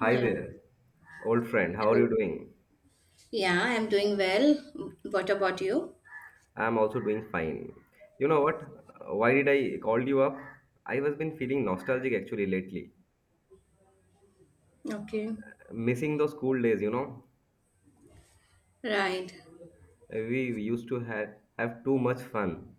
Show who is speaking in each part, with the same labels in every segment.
Speaker 1: Hi
Speaker 2: Yeah.
Speaker 1: there, old friend. How are you
Speaker 2: Hello.
Speaker 1: doing?
Speaker 2: Yeah, I'm doing well. What about you?
Speaker 1: I'm also doing fine. You know what? Why did I call you up? I was been feeling nostalgic actually lately.
Speaker 2: Okay.
Speaker 1: Missing those school days.
Speaker 2: Right.
Speaker 1: We used to have too much fun.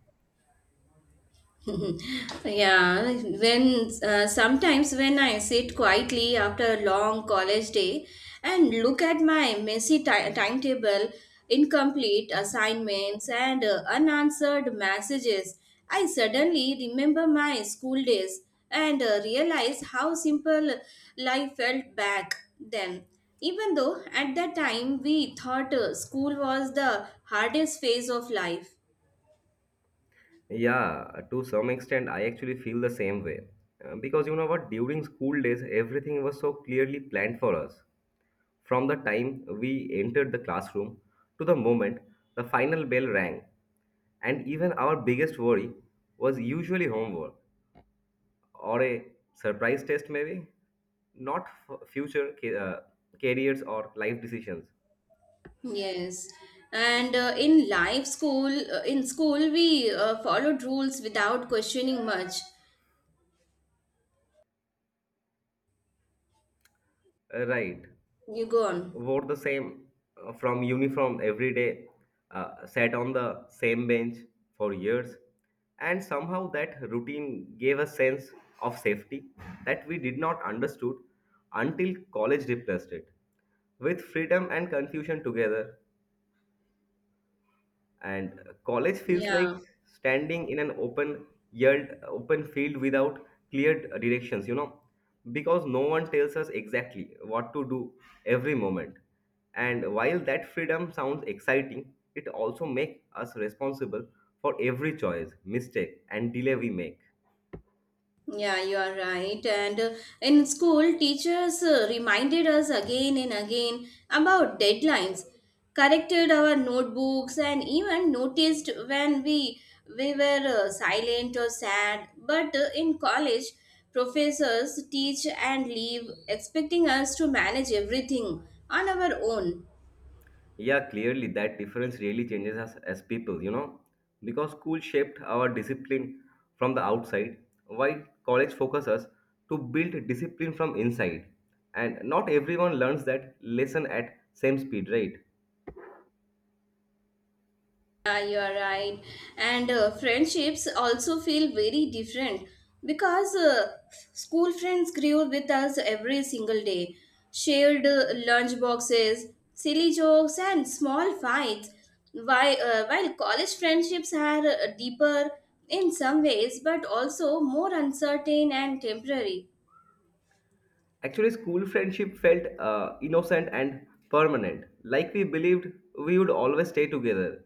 Speaker 2: yeah when sometimes when I sit quietly after a long college day and look at my messy timetable, incomplete assignments, and unanswered messages. I suddenly remember my school days and realize how simple life felt back then, even though at that time we thought school was the hardest phase of life.
Speaker 1: Yeah, to some extent, I actually feel the same way. Because you know what? During school days, everything was so clearly planned for us. From the time we entered the classroom to the moment the final bell rang, and even our biggest worry was usually homework or a surprise test, maybe not future careers or life decisions.
Speaker 2: Yes, and in school, we followed rules without questioning much.
Speaker 1: Right.
Speaker 2: You go on.
Speaker 1: Wore the same from uniform every day, sat on the same bench for years, and somehow that routine gave a sense of safety that we did not understood until college replaced it. With freedom and confusion together, and college feels
Speaker 2: Yeah.
Speaker 1: like standing in an open yelled open field without clear directions, because no one tells us exactly what to do every moment, and while that freedom sounds exciting, it also makes us responsible for every choice, mistake, and delay we make.
Speaker 2: Yeah, you are right. And in school, teachers reminded us again and again about deadlines, corrected our notebooks, and even noticed when we were silent or sad. But in college, professors teach and leave, expecting us to manage everything on our own.
Speaker 1: Yeah, clearly that difference really changes us as people, because school shaped our discipline from the outside, while college focuses to build discipline from inside. And not everyone learns that lesson at same speed, right?
Speaker 2: Yeah, you are right. And friendships also feel very different, because school friends grew with us every single day, shared lunch boxes, silly jokes, and small fights. While college friendships are deeper in some ways, but also more uncertain and temporary.
Speaker 1: Actually, school friendship felt innocent and permanent, like we believed we would always stay together.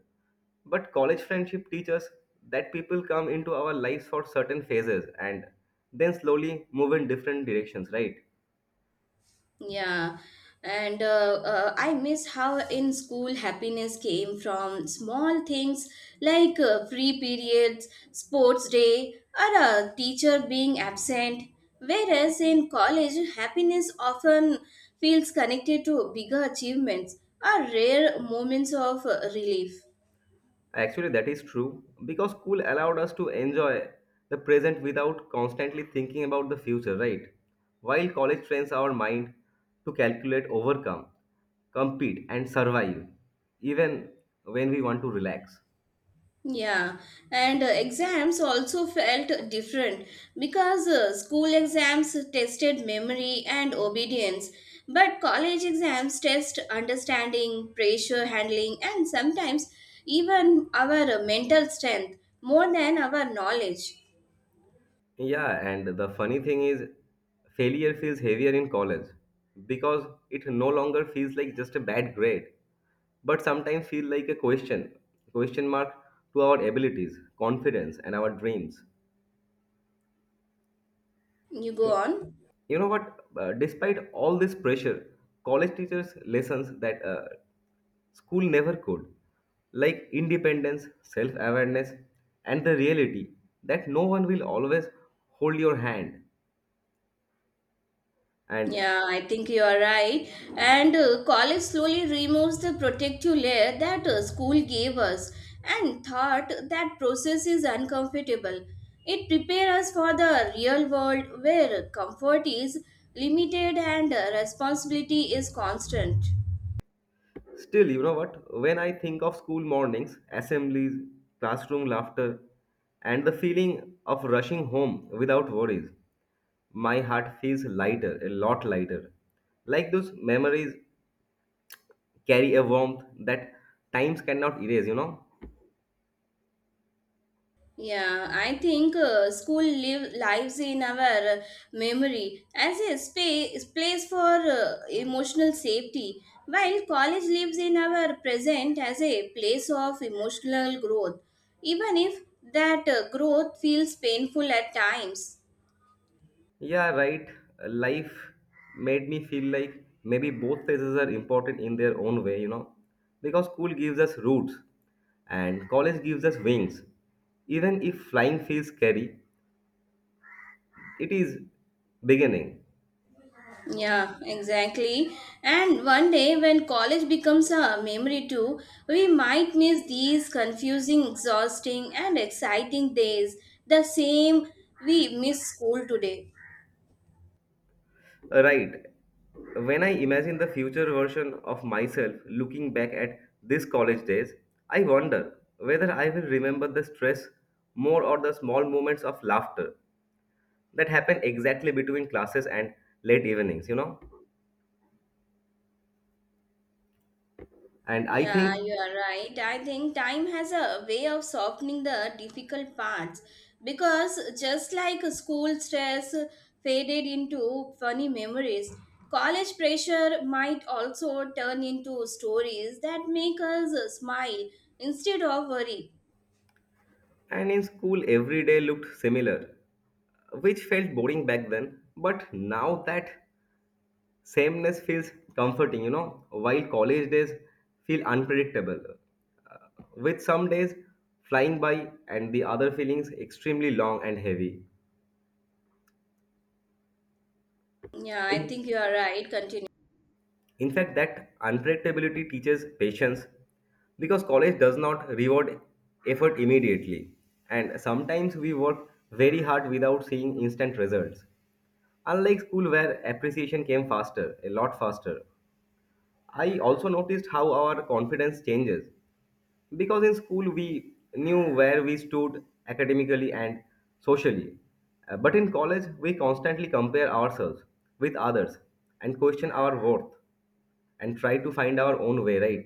Speaker 1: But college friendship teaches that people come into our lives for certain phases and then slowly move in different directions, right?
Speaker 2: Yeah, and I miss how in school happiness came from small things like free periods, sports day, or a teacher being absent. Whereas in college, happiness often feels connected to bigger achievements or rare moments of relief.
Speaker 1: Actually, that is true because school allowed us to enjoy the present without constantly thinking about the future, right? While college trains our mind to calculate, overcome, compete, and survive, even when we want to relax.
Speaker 2: Yeah, and exams also felt different, because school exams tested memory and obedience, but college exams test understanding, pressure handling, and sometimes even our mental strength more than our knowledge.
Speaker 1: Yeah, and the funny thing is, failure feels heavier in college because it no longer feels like just a bad grade, but sometimes feel like a question, question mark to our abilities, confidence, and our dreams.
Speaker 2: You go on.
Speaker 1: You know what? Despite all this pressure, college teachers lessons that school never could, like independence, self-awareness, and the reality that no one will always hold your hand and
Speaker 2: Yeah, I think you are right. And college slowly removes the protective layer that school gave us, and thought that process is uncomfortable. It prepares us for the real world where comfort is limited and responsibility is constant.
Speaker 1: still, you know what, when I think of school mornings, assemblies, classroom laughter, and the feeling of rushing home without worries, my heart feels lighter, a lot lighter, like those memories carry a warmth that times cannot erase, you know?
Speaker 2: Yeah, I think school lives in our uh, memory as a space place for emotional safety, while college lives in our present as a place of emotional growth, even if that growth feels painful at times.
Speaker 1: Yeah, right. Life made me feel like maybe both phases are important in their own way, you know? Because school gives us roots and college gives us wings. Even if flying feels scary, it is beginning.
Speaker 2: Yeah, exactly. And one day when college becomes a memory too, we might miss these confusing, exhausting, and exciting days the same we miss school today.
Speaker 1: Right. When I imagine the future version of myself looking back at these college days, I wonder whether I will remember the stress more or the small moments of laughter that happen exactly between classes and late evenings, and I
Speaker 2: Yeah,
Speaker 1: think.
Speaker 2: you are right. I think time has a way of softening the difficult parts, because just like school stress faded into funny memories, college pressure might also turn into stories that make us smile instead of worry.
Speaker 1: And in school every day looked similar, which felt boring back then, but now that sameness feels comforting, while college days feel unpredictable, with some days flying by and the other feelings extremely long and heavy.
Speaker 2: Yeah, I
Speaker 1: In,
Speaker 2: think you are right. Continue.
Speaker 1: In fact, that unpredictability teaches patience because college does not reward effort immediately. And sometimes we work very hard without seeing instant results. Unlike school, where appreciation came faster, a lot faster, I also noticed how our confidence changes. Because in school, we knew where we stood academically and socially. But in college, we constantly compare ourselves with others and question our worth and try to find our own way, right?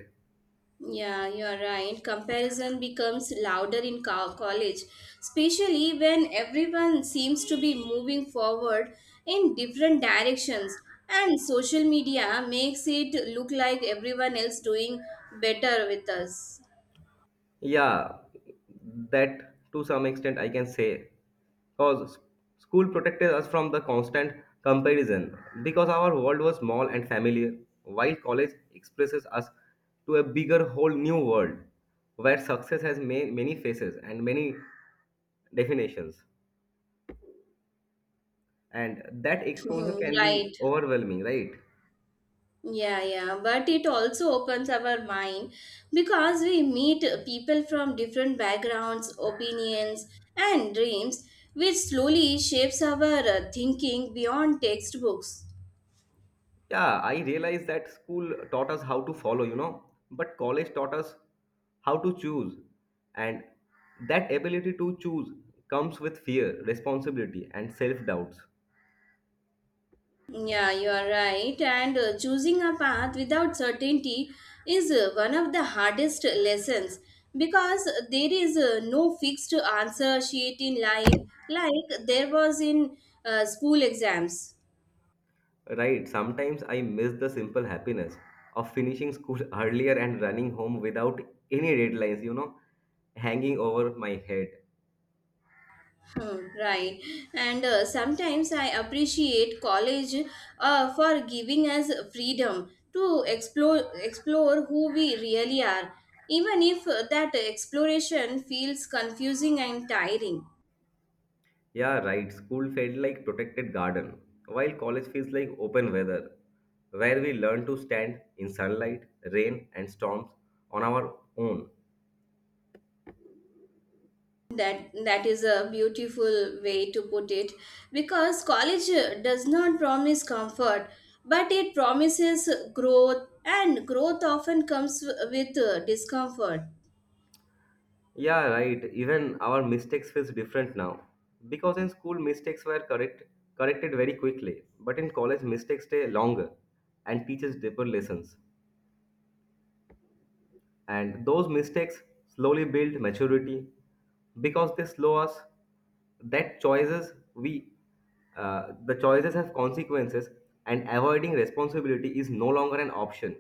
Speaker 2: Yeah, you're right. Comparison becomes louder in college, especially when everyone seems to be moving forward in different directions, and social media makes it look like everyone else doing better with us.
Speaker 1: Yeah, that to some extent I can say. Because school protected us from the constant comparison, because our world was small and familiar, while college expresses us to a bigger, whole new world where success has many faces and many definitions. And that exposure can
Speaker 2: Right.
Speaker 1: be overwhelming, right?
Speaker 2: Yeah, yeah, but it also opens our mind, because we meet people from different backgrounds, opinions, and dreams, which slowly shapes our thinking beyond textbooks.
Speaker 1: Yeah, I realized that school taught us how to follow, but college taught us how to choose. And that ability to choose comes with fear, responsibility, and self doubts.
Speaker 2: Yeah, you are right, and choosing a path without certainty is one of the hardest lessons, because there is no fixed answer sheet in life like there was in school exams.
Speaker 1: Right, sometimes I miss the simple happiness of finishing school earlier and running home without any deadlines, hanging over my head.
Speaker 2: Hmm. Right, and sometimes I appreciate college for giving us freedom to explore who we really are, even if that exploration feels confusing and tiring.
Speaker 1: Yeah, right. School felt like protected garden, while college feels like open weather, where we learn to stand in sunlight, rain, and storms on our own.
Speaker 2: That is a beautiful way to put it, because college does not promise comfort, but it promises growth, and growth often comes with discomfort.
Speaker 1: Yeah, right. Even our mistakes feels different now, because in school mistakes were corrected very quickly, but in college mistakes stay longer and teaches deeper lessons. And those mistakes slowly build maturity because they slow us that choices we the choices have consequences, and avoiding responsibility is no longer an option.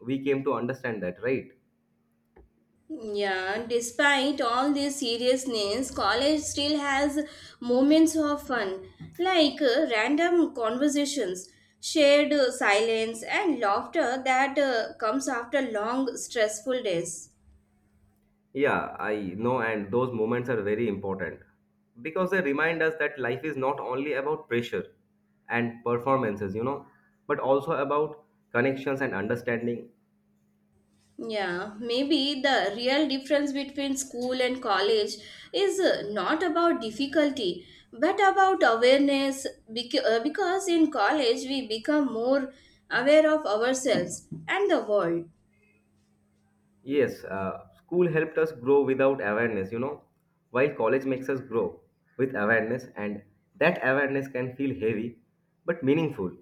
Speaker 1: We came to understand that, right?
Speaker 2: Yeah, despite all this seriousness, college still has moments of fun, like random conversations, shared silence, and laughter that comes after long, stressful days.
Speaker 1: Yeah, I know, and those moments are very important because they remind us that life is not only about pressure and performances, but also about connections and understanding.
Speaker 2: Yeah, maybe the real difference between school and college is not about difficulty but about awareness, because in college we become more aware of ourselves and the world.
Speaker 1: Yes, school helped us grow without awareness, while college makes us grow with awareness, and that awareness can feel heavy but meaningful.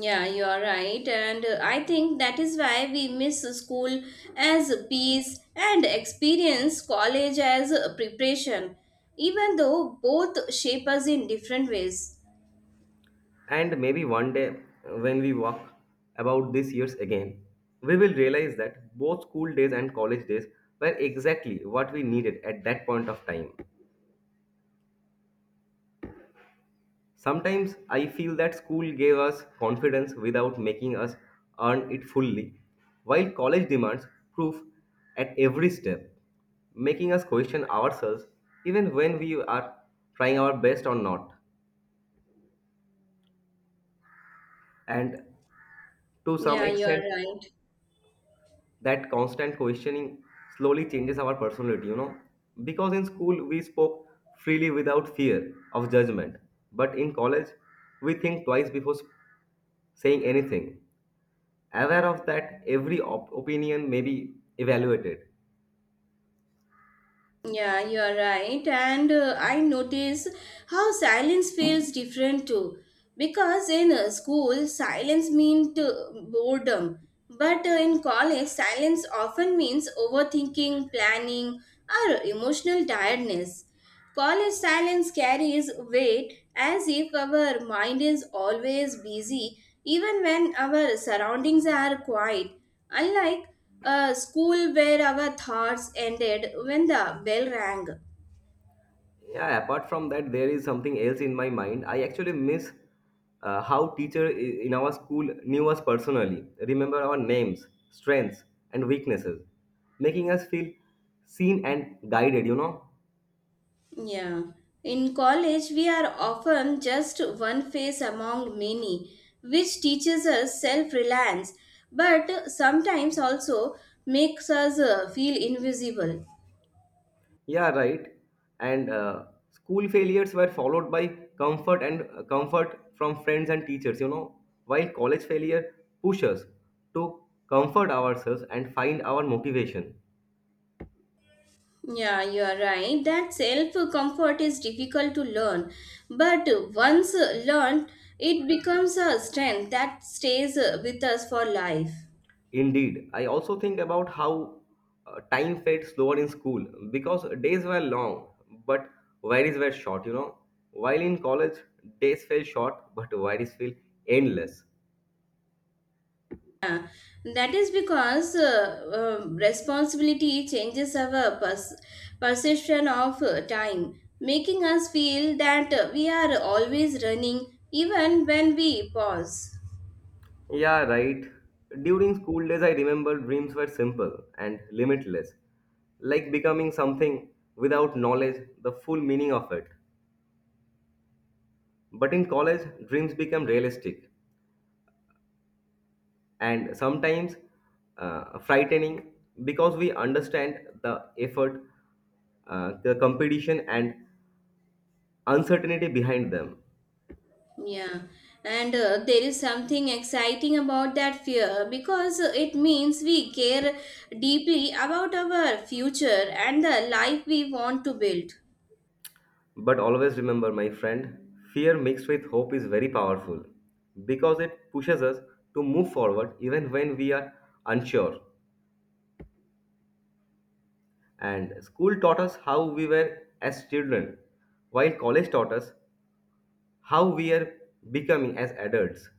Speaker 2: Yeah, you are right, and I think that is why we miss school as peace and experience college as preparation, even though both shape us in different ways.
Speaker 1: And maybe one day when we walk about these years again, we will realize that both school days and college days were exactly what we needed at that point of time. Sometimes I feel that school gave us confidence without making us earn it fully, while college demands proof at every step, making us question ourselves even when we are trying our best or not. And to some
Speaker 2: Yeah, you are
Speaker 1: extent,
Speaker 2: right.
Speaker 1: that constant questioning slowly changes our personality. Because in school, we spoke freely without fear of judgment, but in college, we think twice before saying anything, aware of that every opinion may be evaluated.
Speaker 2: Yeah, you are right. And I notice how silence feels different too. Because in school, silence means boredom. But in college, silence often means overthinking, planning, or emotional tiredness. College silence carries weight as if our mind is always busy, even when our surroundings are quiet. Unlike a school where our thoughts ended when the bell rang.
Speaker 1: Yeah, apart from that, there is something else in my mind. I actually miss how teacher in our school knew us personally, remember our names, strengths, and weaknesses, making us feel seen and guided.
Speaker 2: Yeah. In college, we are often just one face among many, which teaches us self reliance, but sometimes also makes us feel invisible.
Speaker 1: Yeah, right. And school failures were followed by comfort from friends and teachers, while college failure pushes us to comfort ourselves and find our motivation.
Speaker 2: Yeah, you are right. That self comfort is difficult to learn, but once learned, it becomes a strength that stays with us for life.
Speaker 1: Indeed, I also think about how time felt slower in school because days were long, but worries were short. While in college, days felt short, but worries feel endless.
Speaker 2: That is because responsibility changes our perception of time, making us feel that we are always running even when we pause.
Speaker 1: Yeah, right. During school days, I remember dreams were simple and limitless, like becoming something without knowledge, the full meaning of it. But in college, dreams become realistic and sometimes frightening because we understand the effort, the competition, and uncertainty behind them.
Speaker 2: Yeah, and there is something exciting about that fear, because it means we care deeply about our future and the life we want to build.
Speaker 1: But always remember, my friend, fear mixed with hope is very powerful because it pushes us to move forward even when we are unsure. And school taught us how we were as children, while college taught us how we are becoming as adults.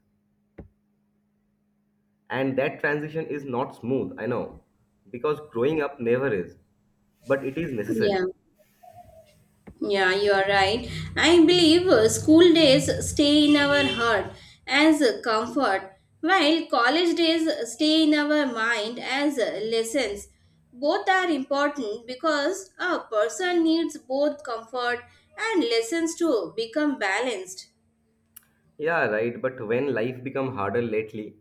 Speaker 1: And that transition is not smooth, I know, because growing up never is, but it is necessary.
Speaker 2: Yeah, yeah, you are right. I believe school days stay in our heart as a comfort, while college days stay in our mind as lessons. Both are important, because a person needs both comfort and lessons to become balanced.
Speaker 1: Yeah, right. But when life become harder lately,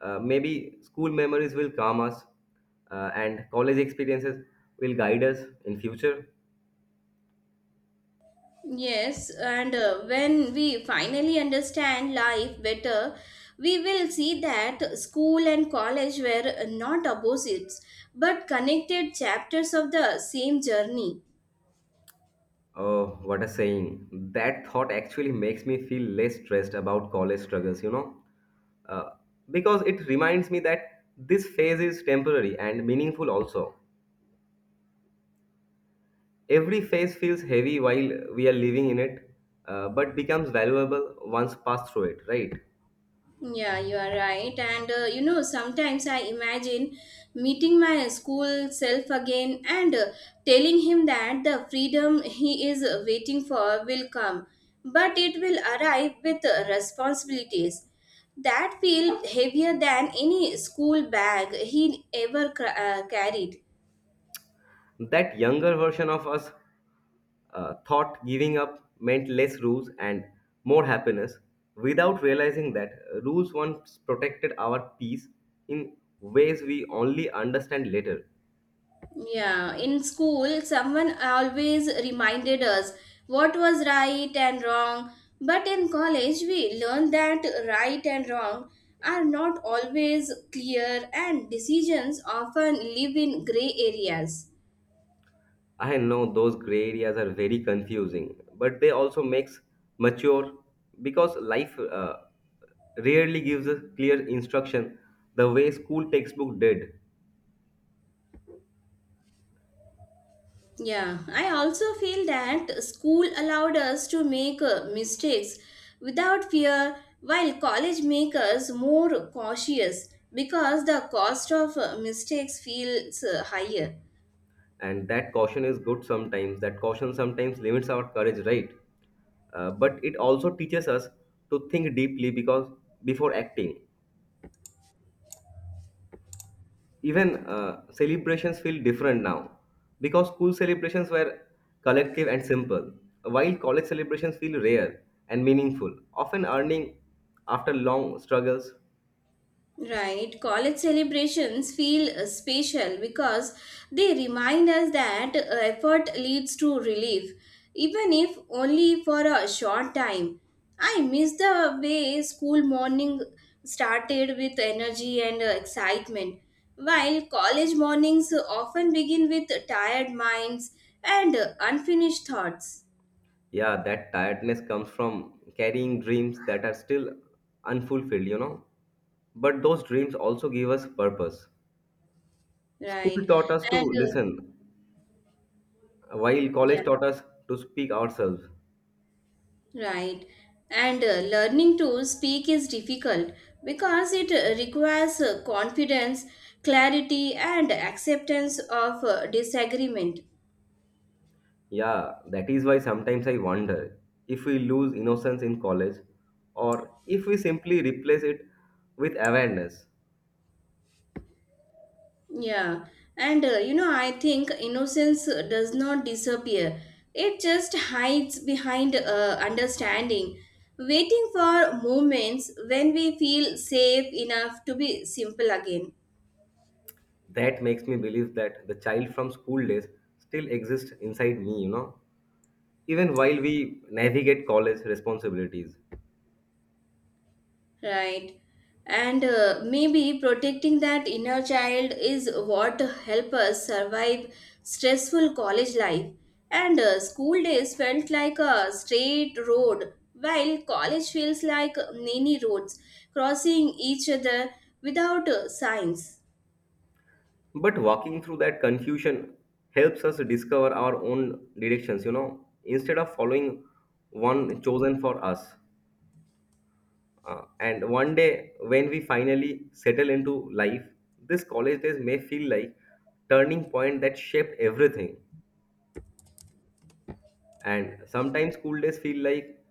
Speaker 1: maybe school memories will calm us, and college experiences will guide us in future.
Speaker 2: Yes, and when we finally understand life better, we will see that school and college were not opposites but connected chapters of the same journey.
Speaker 1: Oh, what a saying! That thought actually makes me feel less stressed about college struggles. Uh, because it reminds me that this phase is temporary and meaningful also. Every phase feels heavy while we are living in it, but becomes valuable once passed through it, right?
Speaker 2: Yeah, you are right. And sometimes I imagine meeting my school self again and telling him that the freedom he is waiting for will come, but it will arrive with responsibilities that feel heavier than any school bag he ever carried.
Speaker 1: That younger version of us thought giving up meant less rules and more happiness without realizing that rules once protected our peace in ways we only understand later.
Speaker 2: Yeah, in school, someone always reminded us what was right and wrong. But in college, we learned that right and wrong are not always clear, and decisions often live in gray areas.
Speaker 1: I know those gray areas are very confusing, but they also makes mature because life rarely gives us clear instruction the way school textbook did.
Speaker 2: Yeah, I also feel that school allowed us to make mistakes without fear, while college makes us more cautious, because the cost of mistakes feels higher.
Speaker 1: And that caution is good sometimes, that caution sometimes limits our courage, right? But it also teaches us to think deeply because before acting, even celebrations feel different now, because school celebrations were collective and simple, while college celebrations feel rare and meaningful, often earning after long struggles.
Speaker 2: Right, college celebrations feel special, because they remind us that effort leads to relief, even if only for a short time. I miss the way school morning started with energy and excitement, while college mornings often begin with tired minds and unfinished thoughts.
Speaker 1: Yeah, that tiredness comes from carrying dreams that are still unfulfilled, but those dreams also give us purpose. School
Speaker 2: Right,
Speaker 1: taught us to
Speaker 2: and
Speaker 1: listen, while
Speaker 2: yeah.
Speaker 1: college taught us to speak ourselves.
Speaker 2: Right. And learning to speak is difficult, because it requires confidence, clarity, and acceptance of disagreement.
Speaker 1: Yeah, that is why sometimes I wonder if we lose innocence in college or if we simply replace it with awareness.
Speaker 2: Yeah. And I think innocence does not disappear, it just hides behind understanding, waiting for moments when we feel safe enough to be simple again.
Speaker 1: That makes me believe that the child from school days still exists inside me, even while we navigate college responsibilities.
Speaker 2: Right. And maybe protecting that inner child is what help us survive stressful college life. And school days felt like a straight road, while college feels like many roads crossing each other without signs.
Speaker 1: But walking through that confusion helps us discover our own directions, instead of following one chosen for us. And one day, when we finally settle into life, this college days may feel like turning point that shaped everything. And sometimes school days feel like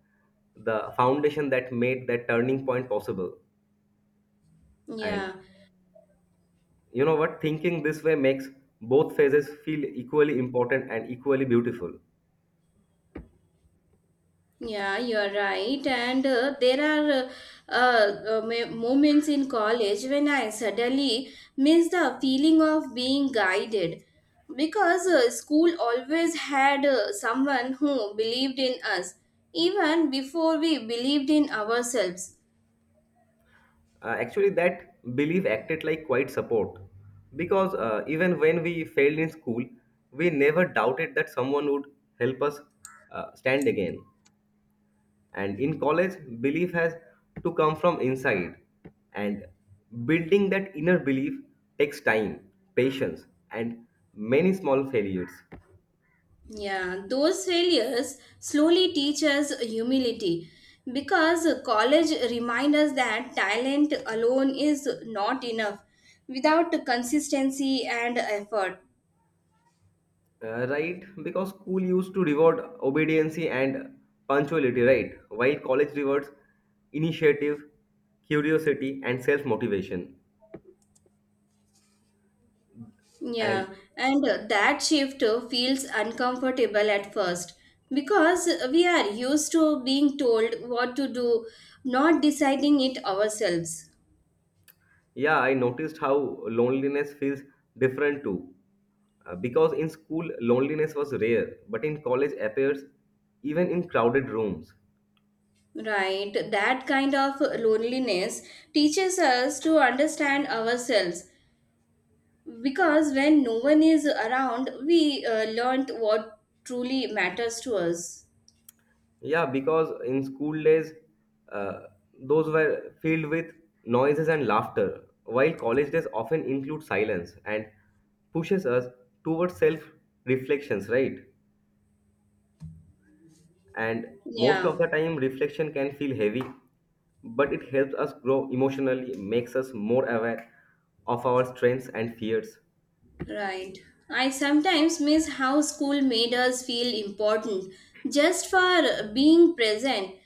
Speaker 1: the foundation that made that turning point possible. And
Speaker 2: Yeah,
Speaker 1: you know what? Thinking this way makes both phases feel equally important and equally beautiful.
Speaker 2: yeah, you're right. And there are moments in college when I suddenly miss the feeling of being guided, because school always had someone who believed in us even before we believed in ourselves.
Speaker 1: Actually, that belief acted like quite support because even when we failed in school, we never doubted that someone would help us stand again. And in college, belief has to come from inside, and building that inner belief takes time, patience, and many small failures.
Speaker 2: Yeah, those failures slowly teach us humility, because college reminds us that talent alone is not enough without consistency and effort.
Speaker 1: Right, because school used to reward obedience and punctuality, right? While college rewards initiative, curiosity, and self motivation. And
Speaker 2: Yeah, and that shift feels uncomfortable at first, because we are used to being told what to do, not deciding it ourselves.
Speaker 1: yeah, I noticed how loneliness feels different too. Because in school, loneliness was rare, but in college appears even in crowded rooms.
Speaker 2: Right, that kind of loneliness teaches us to understand ourselves, because when no one is around we learned what truly matters to us.
Speaker 1: Yeah, because in school days, uh, those were filled with noises and laughter, while college days often include silence and pushes us towards self reflections, right? And most
Speaker 2: Yeah,
Speaker 1: of the time, reflection can feel heavy, but it helps us grow emotionally, makes us more aware of our strengths and fears.
Speaker 2: right. I sometimes miss how school made us feel important just for being present,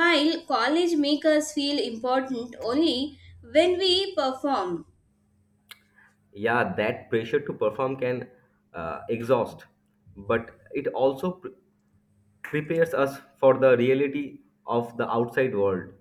Speaker 2: while college make us feel important only when we perform.
Speaker 1: Yeah, that pressure to perform can exhaust, but it also prepares us for the reality of the outside world.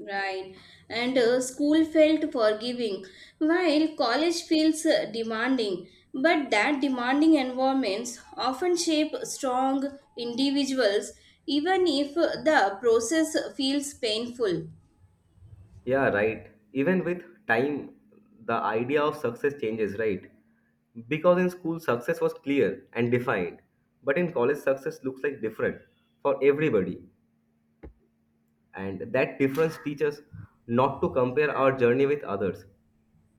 Speaker 2: Right. And school felt forgiving, while college feels demanding. But that demanding environments often shape strong individuals, even if the process feels painful.
Speaker 1: Yeah, right. Even with time, the idea of success changes, right? Because in school, success was clear and defined, but in college, success looks like different for everybody, and that difference teaches not to compare our journey with others,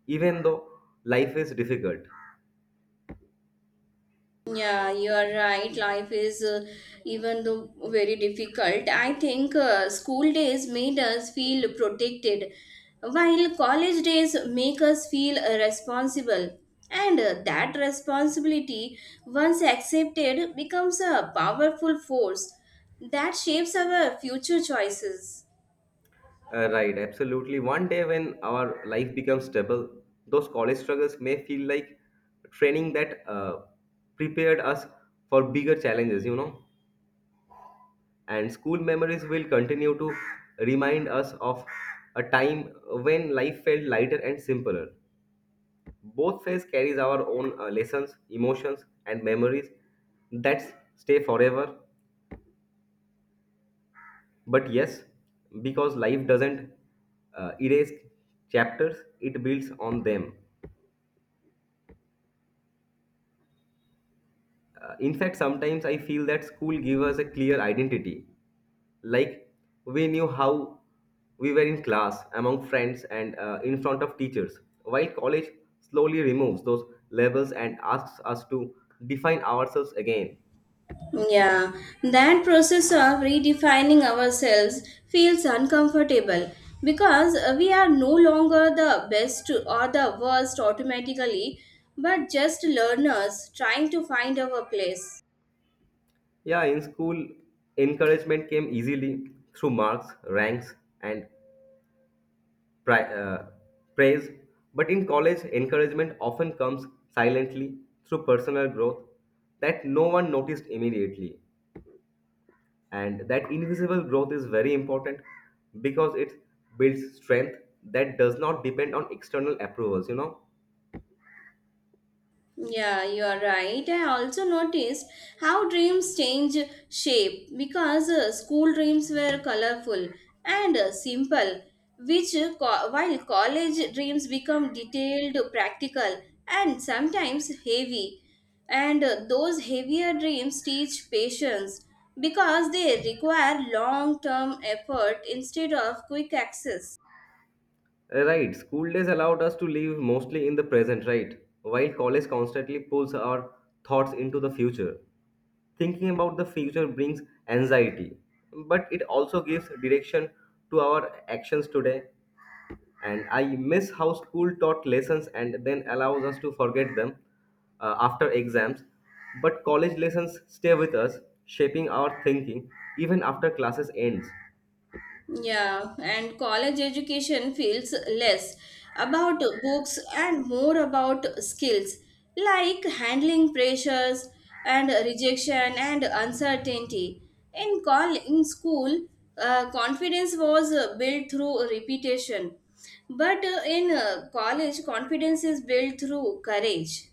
Speaker 1: even though life is difficult.
Speaker 2: Yeah, you are right. Life is even though very difficult. I think school days made us feel protected, while college days make us feel responsible. And that responsibility, once accepted, becomes a powerful force that shapes our future choices.
Speaker 1: Right, absolutely. One day when our life becomes stable, those college struggles may feel like training that prepared us for bigger challenges. And school memories will continue to remind us of a time when life felt lighter and simpler. Both phase carries our own lessons, emotions, and memories that stay forever. But yes, because life doesn't erase chapters, it builds on them. In fact, sometimes I feel that school gave us a clear identity. Like we knew how we were in class, among friends, and in front of teachers. While college slowly removes those labels and asks us to define ourselves again.
Speaker 2: Yeah, that process of redefining ourselves feels uncomfortable, because we are no longer the best or the worst automatically, but just learners trying to find our place.
Speaker 1: Yeah, in school, encouragement came easily through marks, ranks, and pri- uh, praise. But in college, encouragement often comes silently through personal growth that no one noticed immediately. And that invisible growth is very important because it builds strength that does not depend on external approvals.
Speaker 2: Yeah, you are right. I also noticed how dreams change shape, because school dreams were colorful and simple, while college dreams become detailed, practical, and sometimes heavy. And those heavier dreams teach patience, because they require long term effort instead of quick access.
Speaker 1: Right, school days allowed us to live mostly in the present, right? While college constantly pulls our thoughts into the future. Thinking about the future brings anxiety, but it also gives direction to our actions today. And I miss how school taught lessons and then allows us to forget them after exams. But college lessons stay with us, shaping our thinking even after classes ends.
Speaker 2: Yeah, and college education feels less about books and more about skills, like handling pressures and rejection and uncertainty. In school, confidence was built through repetition, but in college, confidence is built through courage.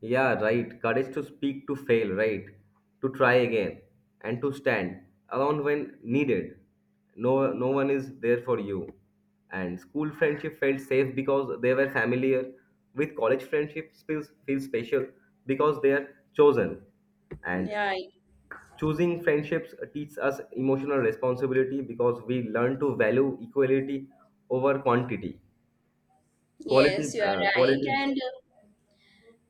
Speaker 1: Yeah, right. Courage to speak, to fail, right? To try again, and to stand alone when needed. No, no one is there for you. And school friendship felt safe because they were familiar. With college friendships feels special because they are chosen and.
Speaker 2: Yeah,
Speaker 1: Choosing friendships teaches us emotional responsibility because we learn to value equality over quantity, quality,
Speaker 2: yes, you are right.
Speaker 1: quality.
Speaker 2: And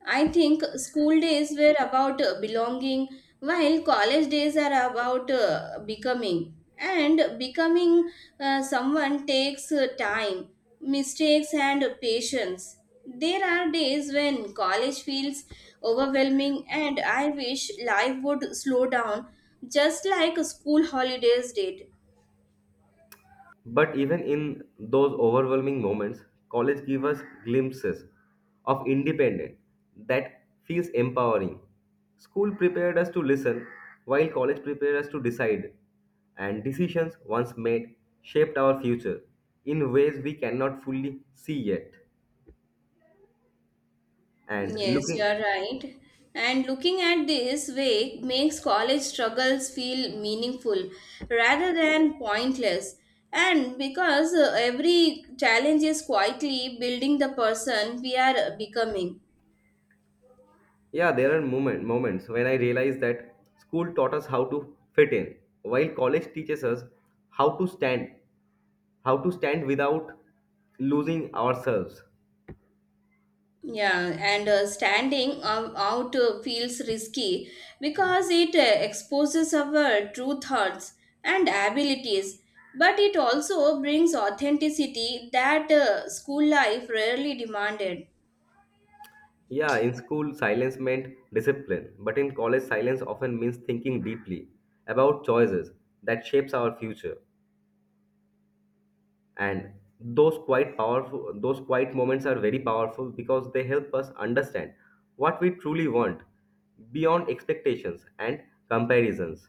Speaker 2: I think school days were about belonging, while college days are about becoming. And becoming someone takes time, mistakes, and patience. There are days when college feels overwhelming, and I wish life would slow down just like school holidays did.
Speaker 1: But even in those overwhelming moments, college gives us glimpses of independence that feels empowering. School prepared us to listen, while college prepared us to decide, and decisions once made shaped our future in ways we cannot fully see yet, and
Speaker 2: Yes, you
Speaker 1: looking.
Speaker 2: are right. And looking at this way makes college struggles feel meaningful rather than pointless. And because every challenge is quietly building the person we are becoming.
Speaker 1: Yeah, there are moments when I realize that school taught us how to fit in, while college teaches us how to stand, how to stand without losing ourselves.
Speaker 2: Yeah, and standing out feels risky, because it exposes our true thoughts and abilities. But it also brings authenticity that school life rarely demanded.
Speaker 1: Yeah, in school, silence meant discipline, but in college, silence often means thinking deeply about choices that shapes our future. And those quiet moments are very powerful because they help us understand what we truly want beyond expectations and comparisons.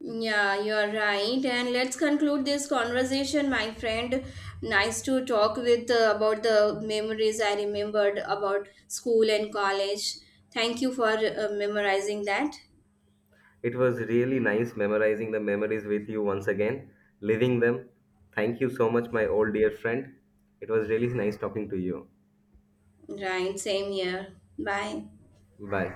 Speaker 2: Yeah, you're right. And let's conclude this conversation, my friend. Nice to talk with about the memories I remembered about school and college. Thank you for memorizing that.
Speaker 1: It was really nice memorizing the memories with you once again, living them. Thank you so much, my old dear friend. It was really nice talking to you.
Speaker 2: Right, same here. Bye.
Speaker 1: Bye.